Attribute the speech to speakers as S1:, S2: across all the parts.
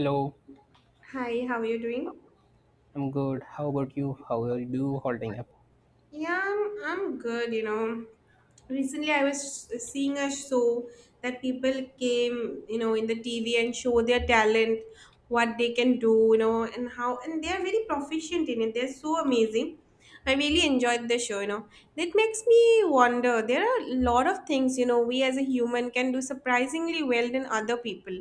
S1: Hello,
S2: Hi, how are you doing?
S1: I'm good. How about you? How are you holding up?
S2: Yeah, I'm good, Recently, I was seeing a show that people came in the TV and show their talent, what they can do, and they are very proficient in it. They're so amazing. I really enjoyed the show. That makes me wonder. There are a lot of things we as a human can do surprisingly well than other people.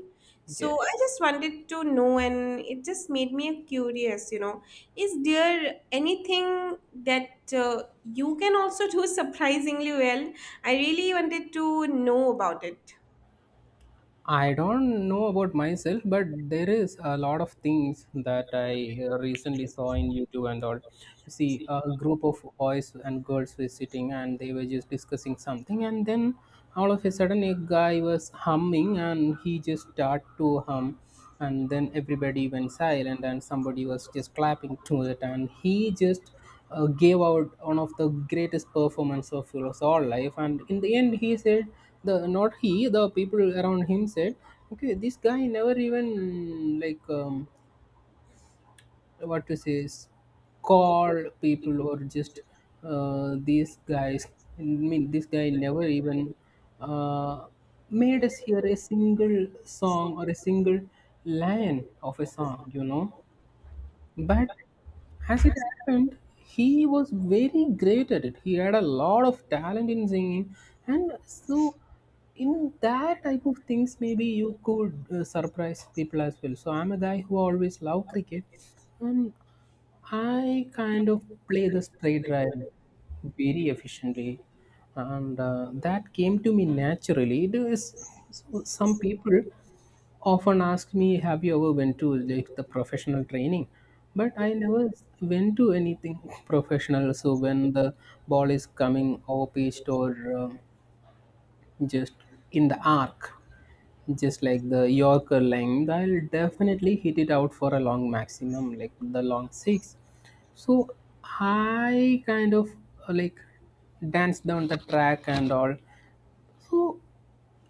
S1: Yeah.
S2: So I just wanted to know, and it just made me curious, is there anything that you can also do surprisingly well? I really wanted to know about it.
S1: I don't know about myself, but there is a lot of things that I recently saw in YouTube and all. You see, a group of boys and girls were sitting and they were just discussing something, and then all of a sudden, a guy was humming and he just started to hum, and then everybody went silent, and somebody was just clapping to it, and he just gave out one of the greatest performance of his all life, and in the end he said the not he the people around him said, okay, this guy never even like what to say is, call people or just these guys, I mean, this guy never even uh, made us hear a single song or a single line of a song, you know, but as it happened, he was very great at it. He had a lot of talent in singing, and so in that type of things, maybe you could surprise people as well. So I'm a guy who always loved cricket, and I kind of play the spray drive very efficiently, and that came to me naturally. There is so some people often ask me, "Have you ever went to like the professional training?" But I never went to anything professional. So when the ball is coming off pitched or um, just in the arc, just like the Yorker length, I'll definitely hit it out for a long maximum, like the long six. So I kind of uh, like dance down the track and all. So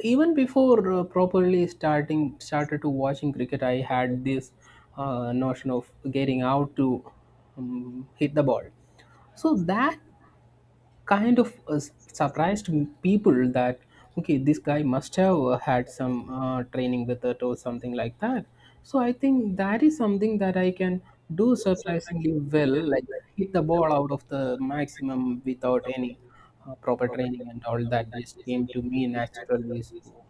S1: even before properly starting started to watching cricket, I had this notion of getting out to hit the ball. So that kind of surprised people that okay, this guy must have had some training with it or something like that. So I think that is something that I can do surprisingly well, like hit the ball out of the maximum without any proper training and all. That just came to me naturally. So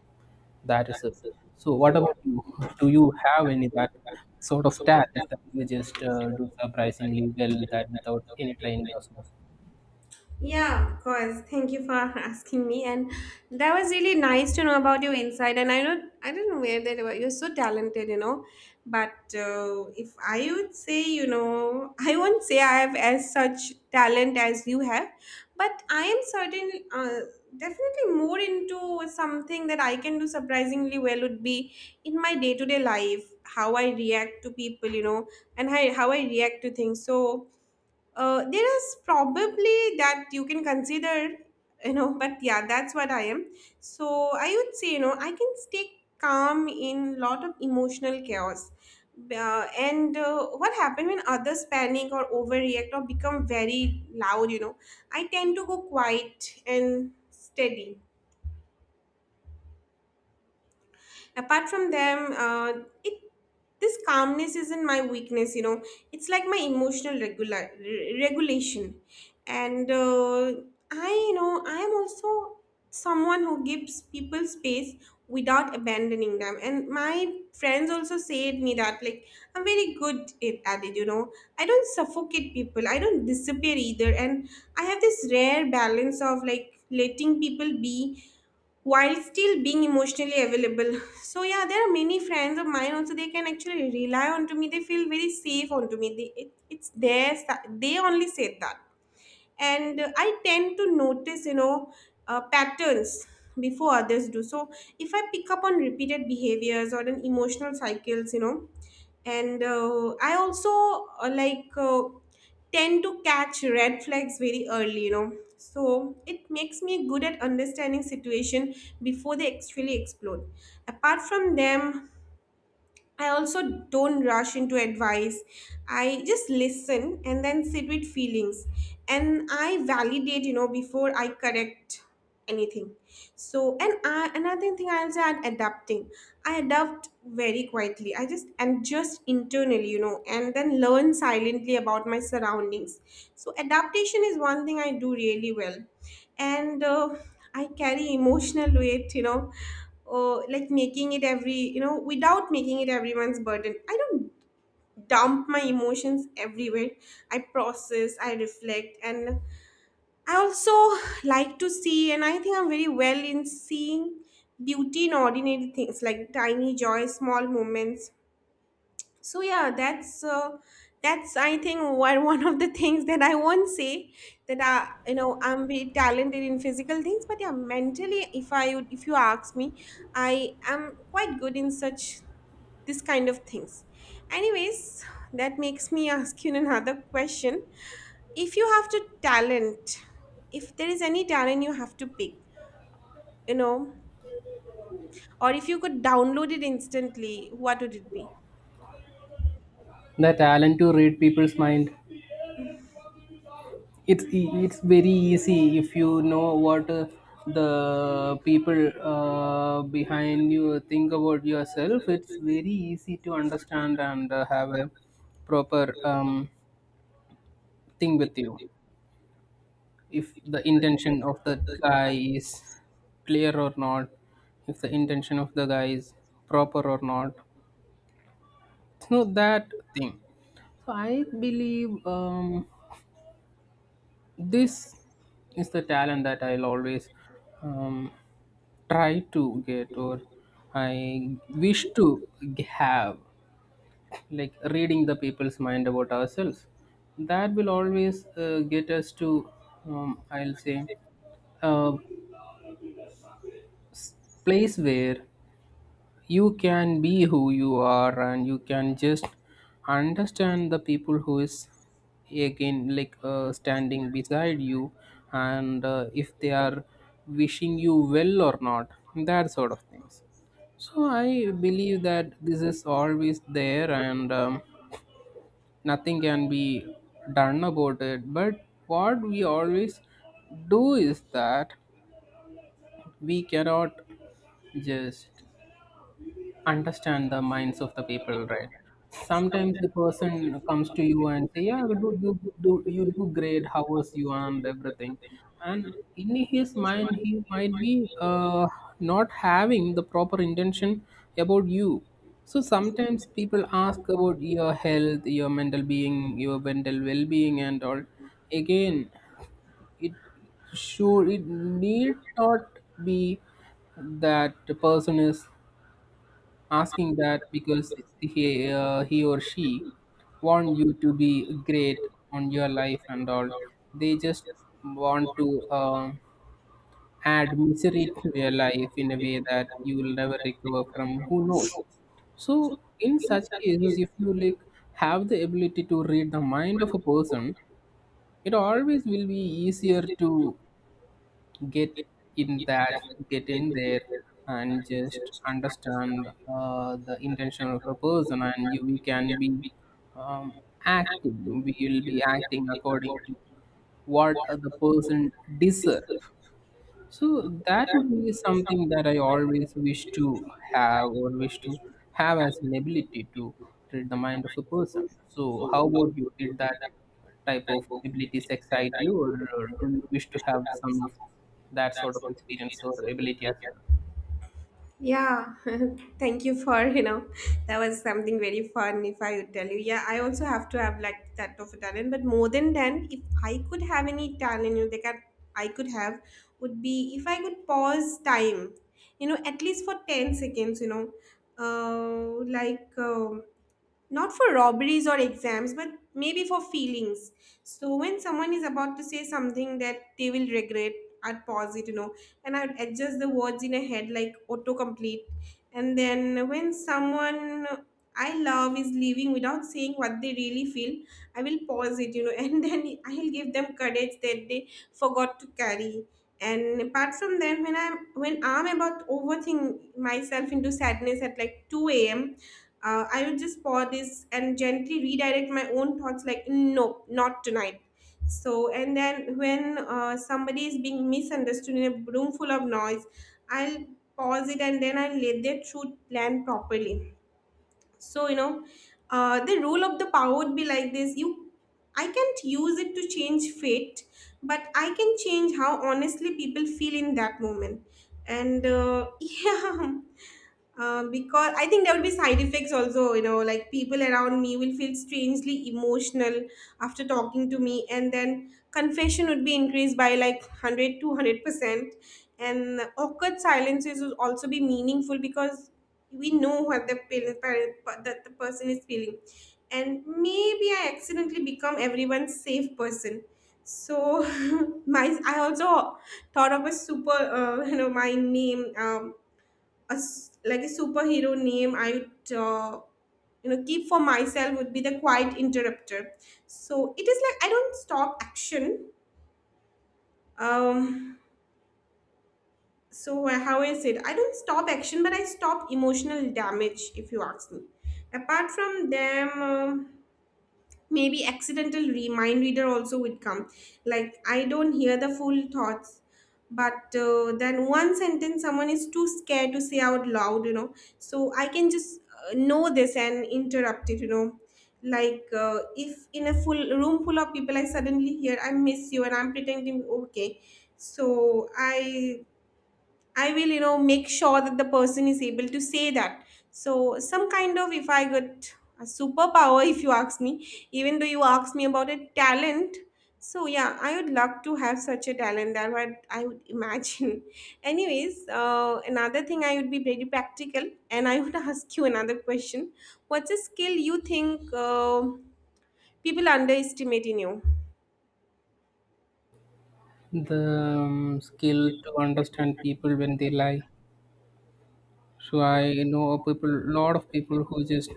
S1: that is it. So what about you? Do you have any that sort of talent that you just do surprisingly well, that without any training or so?
S2: Yeah, of course. Thank you for asking me. And that was really nice to know about your insight. And I didn't know where that was. You're so talented. But if I would say, I won't say I have as such talent as you have, but I am certain, definitely more into something that I can do surprisingly well would be in my day to day life, how I react to people, and how I react to things. So, there is probably that you can consider, but yeah, that's what I am. So I would say, I can stay calm in lot of emotional chaos. And what happens when others panic or overreact or become very loud, I tend to go quiet and steady apart from them. It This calmness isn't my weakness. It's like my emotional regulation. And I you know I am also someone who gives people space without abandoning them, and my friends also said me that, like, I'm very good at it. I don't suffocate people. I don't disappear either. And I have this rare balance of, like, letting people be while still being emotionally available. So yeah, there are many friends of mine also. They can actually rely onto me. They feel very safe onto me. They— it, it's their si- they only said that. And I tend to notice, patterns before others do. So if I pick up on repeated behaviors or an emotional cycles, and I also like tend to catch red flags very early, so it makes me good at understanding situation before they actually explode. Apart from them, I also don't rush into advice. I just listen and then sit with feelings, and I validate, before I correct anything. So, and I, another thing I'll say, I'm adapting. I adapt very quietly. I just And just internally, and then learn silently about my surroundings. So, adaptation is one thing I do really well. And I carry emotional weight, like making it every you know without making it everyone's burden. I don't dump my emotions everywhere. I process, I reflect, and I also like to see, and I think I'm very well in seeing beauty in ordinary things, like tiny joy, small moments. So yeah, that's I think one of the things that I won't say that I you know I'm very talented in physical things. But yeah, mentally, if you ask me, I am quite good in such this kind of things. Anyways, that makes me ask you another question. If you have to talent If there is any talent you have to pick, you know or if you could download it instantly, what would it be?
S1: The talent to read people's mind. It's very easy if you know what the people behind you think about yourself. It's very easy to understand and have a proper thing with you. If the intention of the guy is clear or not, if the intention of the guy is proper or not, it's not that thing. So I believe this is the talent that I'll always um, try to get, or I wish to have, like reading the people's mind about ourselves. That will always get us to, I'll say, a place where you can be who you are and you can just understand the people who is again, like standing beside you, and if they are wishing you well or not, that sort of things. So I believe that this is always there, and nothing can be done about it, but what we always do is that we cannot just understand the minds of the people, right? Sometimes the person comes to you and say, "Yeah, do do you do great? How was you and everything?" And in his mind, he might be not having the proper intention about you. So sometimes people ask about your health, your mental being, your mental well-being, and all. Again, it should it need not be that the person is asking that because he or she want you to be great on your life and all. They just want to add misery to your life in a way that you will never recover from, who knows. So in such cases, if you like have the ability to read the mind of a person, it always will be easier to get in that, get in there, and just understand the intention of a person, and you we can be um, acting. We will be acting according to what the person deserve. So that would be something that I always wish to have, or wish to have as an ability to read the mind of a person. So how about you? Did that type of abilities excite you, or do you wish to have some of that sort of experience or ability as well?
S2: Yeah, thank you for, that was something very fun if I would tell you. Yeah, I also have to have like that of a talent, but more than talent, if I could have any talent, they can I could have would be if I could pause time, at least for 10 seconds, like not for robberies or exams, but maybe for feelings. So when someone is about to say something that they will regret, I'd pause it, and I would adjust the words in a head like autocomplete. And then when someone I love is leaving without saying what they really feel, I will pause it, and then I'll give them courage that they forgot to carry. And apart from that, when I'm about overthink myself into sadness at like 2 a.m., I will just pause this and gently redirect my own thoughts like, no, not tonight. So, and then when somebody is being misunderstood in a room full of noise, I'll pause it and then I'll let their truth land properly. So, the rule of the power would be like this, you, I can't use it to change fate, but I can change how honestly people feel in that moment. And yeah. Because I think there will be side effects also, like people around me will feel strangely emotional after talking to me, and then confession would be increased by like 100, 200%. And awkward silences would also be meaningful because we know what the, parent, parent, that the person is feeling. And maybe I accidentally become everyone's safe person. So, my I also thought of a super, my name. Like a superhero name I would keep for myself would be "The Quiet Interrupter." So it is like I don't stop action, um so how I said I don't stop action but I stop emotional damage, if you ask me. Apart from them, maybe accidental remind reader also would come. Like, I don't hear the full thoughts, but then one sentence someone is too scared to say out loud. So I can just know this and interrupt it. Like, if in a full room full of people I suddenly hear "I miss you" and I'm pretending okay, so I will, make sure that the person is able to say that. So, some kind of, if I got a superpower, if you ask me, even though you asked me about a talent, so yeah, I would love to have such a talent. That what I would imagine. Anyways, another thing, I would be very practical, and I would ask you another question. What's a skill you think people underestimate in you?
S1: The skill to understand people when they lie. So I know a lot of people who just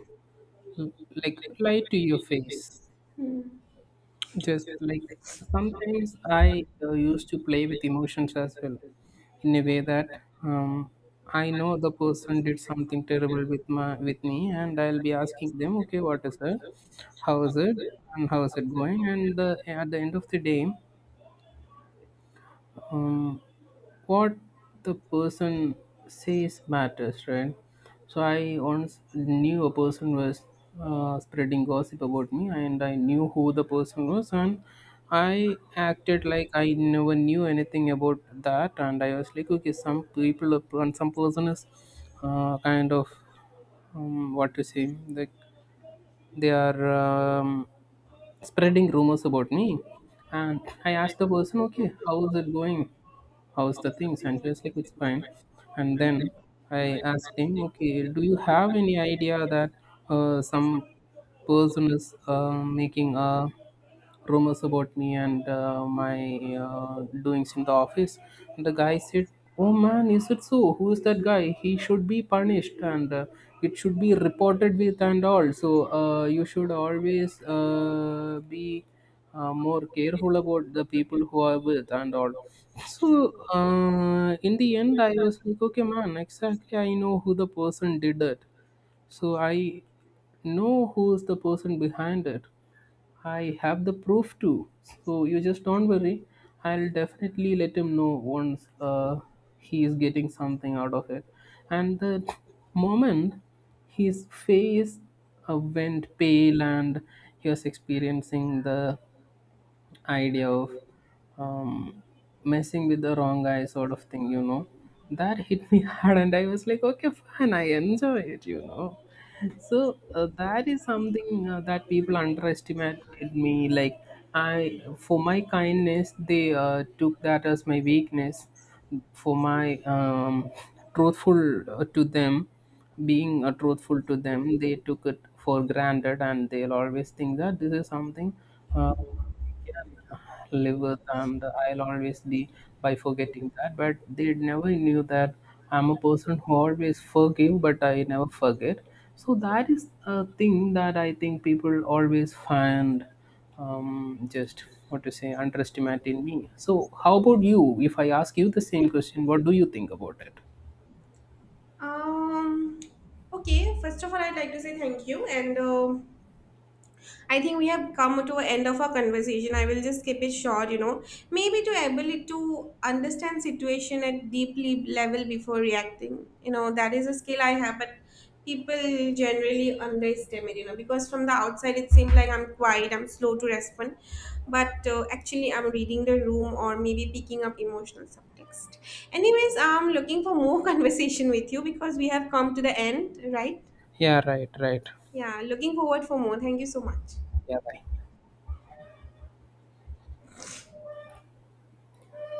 S1: l- like lie to your face.
S2: Hmm.
S1: Just like sometimes I used to play with emotions as well, in a way that um, I know the person did something terrible with my with me, and I'll be asking them, okay, what is it? How is it? And how is it going? And the, at the end of the day, um, what the person says matters, right? So I once knew a person was spreading gossip about me, and I knew who the person was, and I acted like I never knew anything about that, and I was like, okay, some people and some person is kind of what to say, like they are. Um, Spreading rumors about me. And I asked the person, okay, how is it going? How's the things? And he was like, it's fine. And then I asked him, okay, do you have any idea that some person is making a rumors about me and my doings in the office. And the guy said, "Oh man, is it so? Who is that guy? He should be punished, and it should be reported with and all. So you should always be more careful about the people who are with and all." So in the end, I was like, "Okay, man, exactly. I know who the person did it. So I know who is the person behind it." I have the proof too. So you just don't worry. I'll definitely let him know once he is getting something out of it. And the moment his face went pale and he was experiencing the idea of um, messing with the wrong guy sort of thing, you know, that hit me hard. And I was like, okay, fine, I enjoy it, you know. So that is something that people underestimated me. Like, I for my kindness, they took that as my weakness. For my truthful to them being truthful to them, they took it for granted, and they'll always think that this is something uh, live with and I'll always be by forgetting that. But they never knew that I'm a person who always forgive, but I never forget. So that is a thing that I think people always find just what to say, underestimate in me. So how about you? If I ask you the same question, what do you think about it?
S2: Um. Okay. First of all, I'd like to say thank you, and I think we have come to an end of our conversation. I will just keep it short. Maybe to ability to understand situation at deeply level before reacting. That is a skill I have, but people generally underestimate, because from the outside it seems like I'm quiet, I'm slow to respond, but actually I'm reading the room or maybe picking up emotional subtext. Anyways, I'm looking for more conversation with you because we have come to the end, right?
S1: Yeah, right, right.
S2: Yeah, looking forward for more. Thank you so much.
S1: Yeah, bye.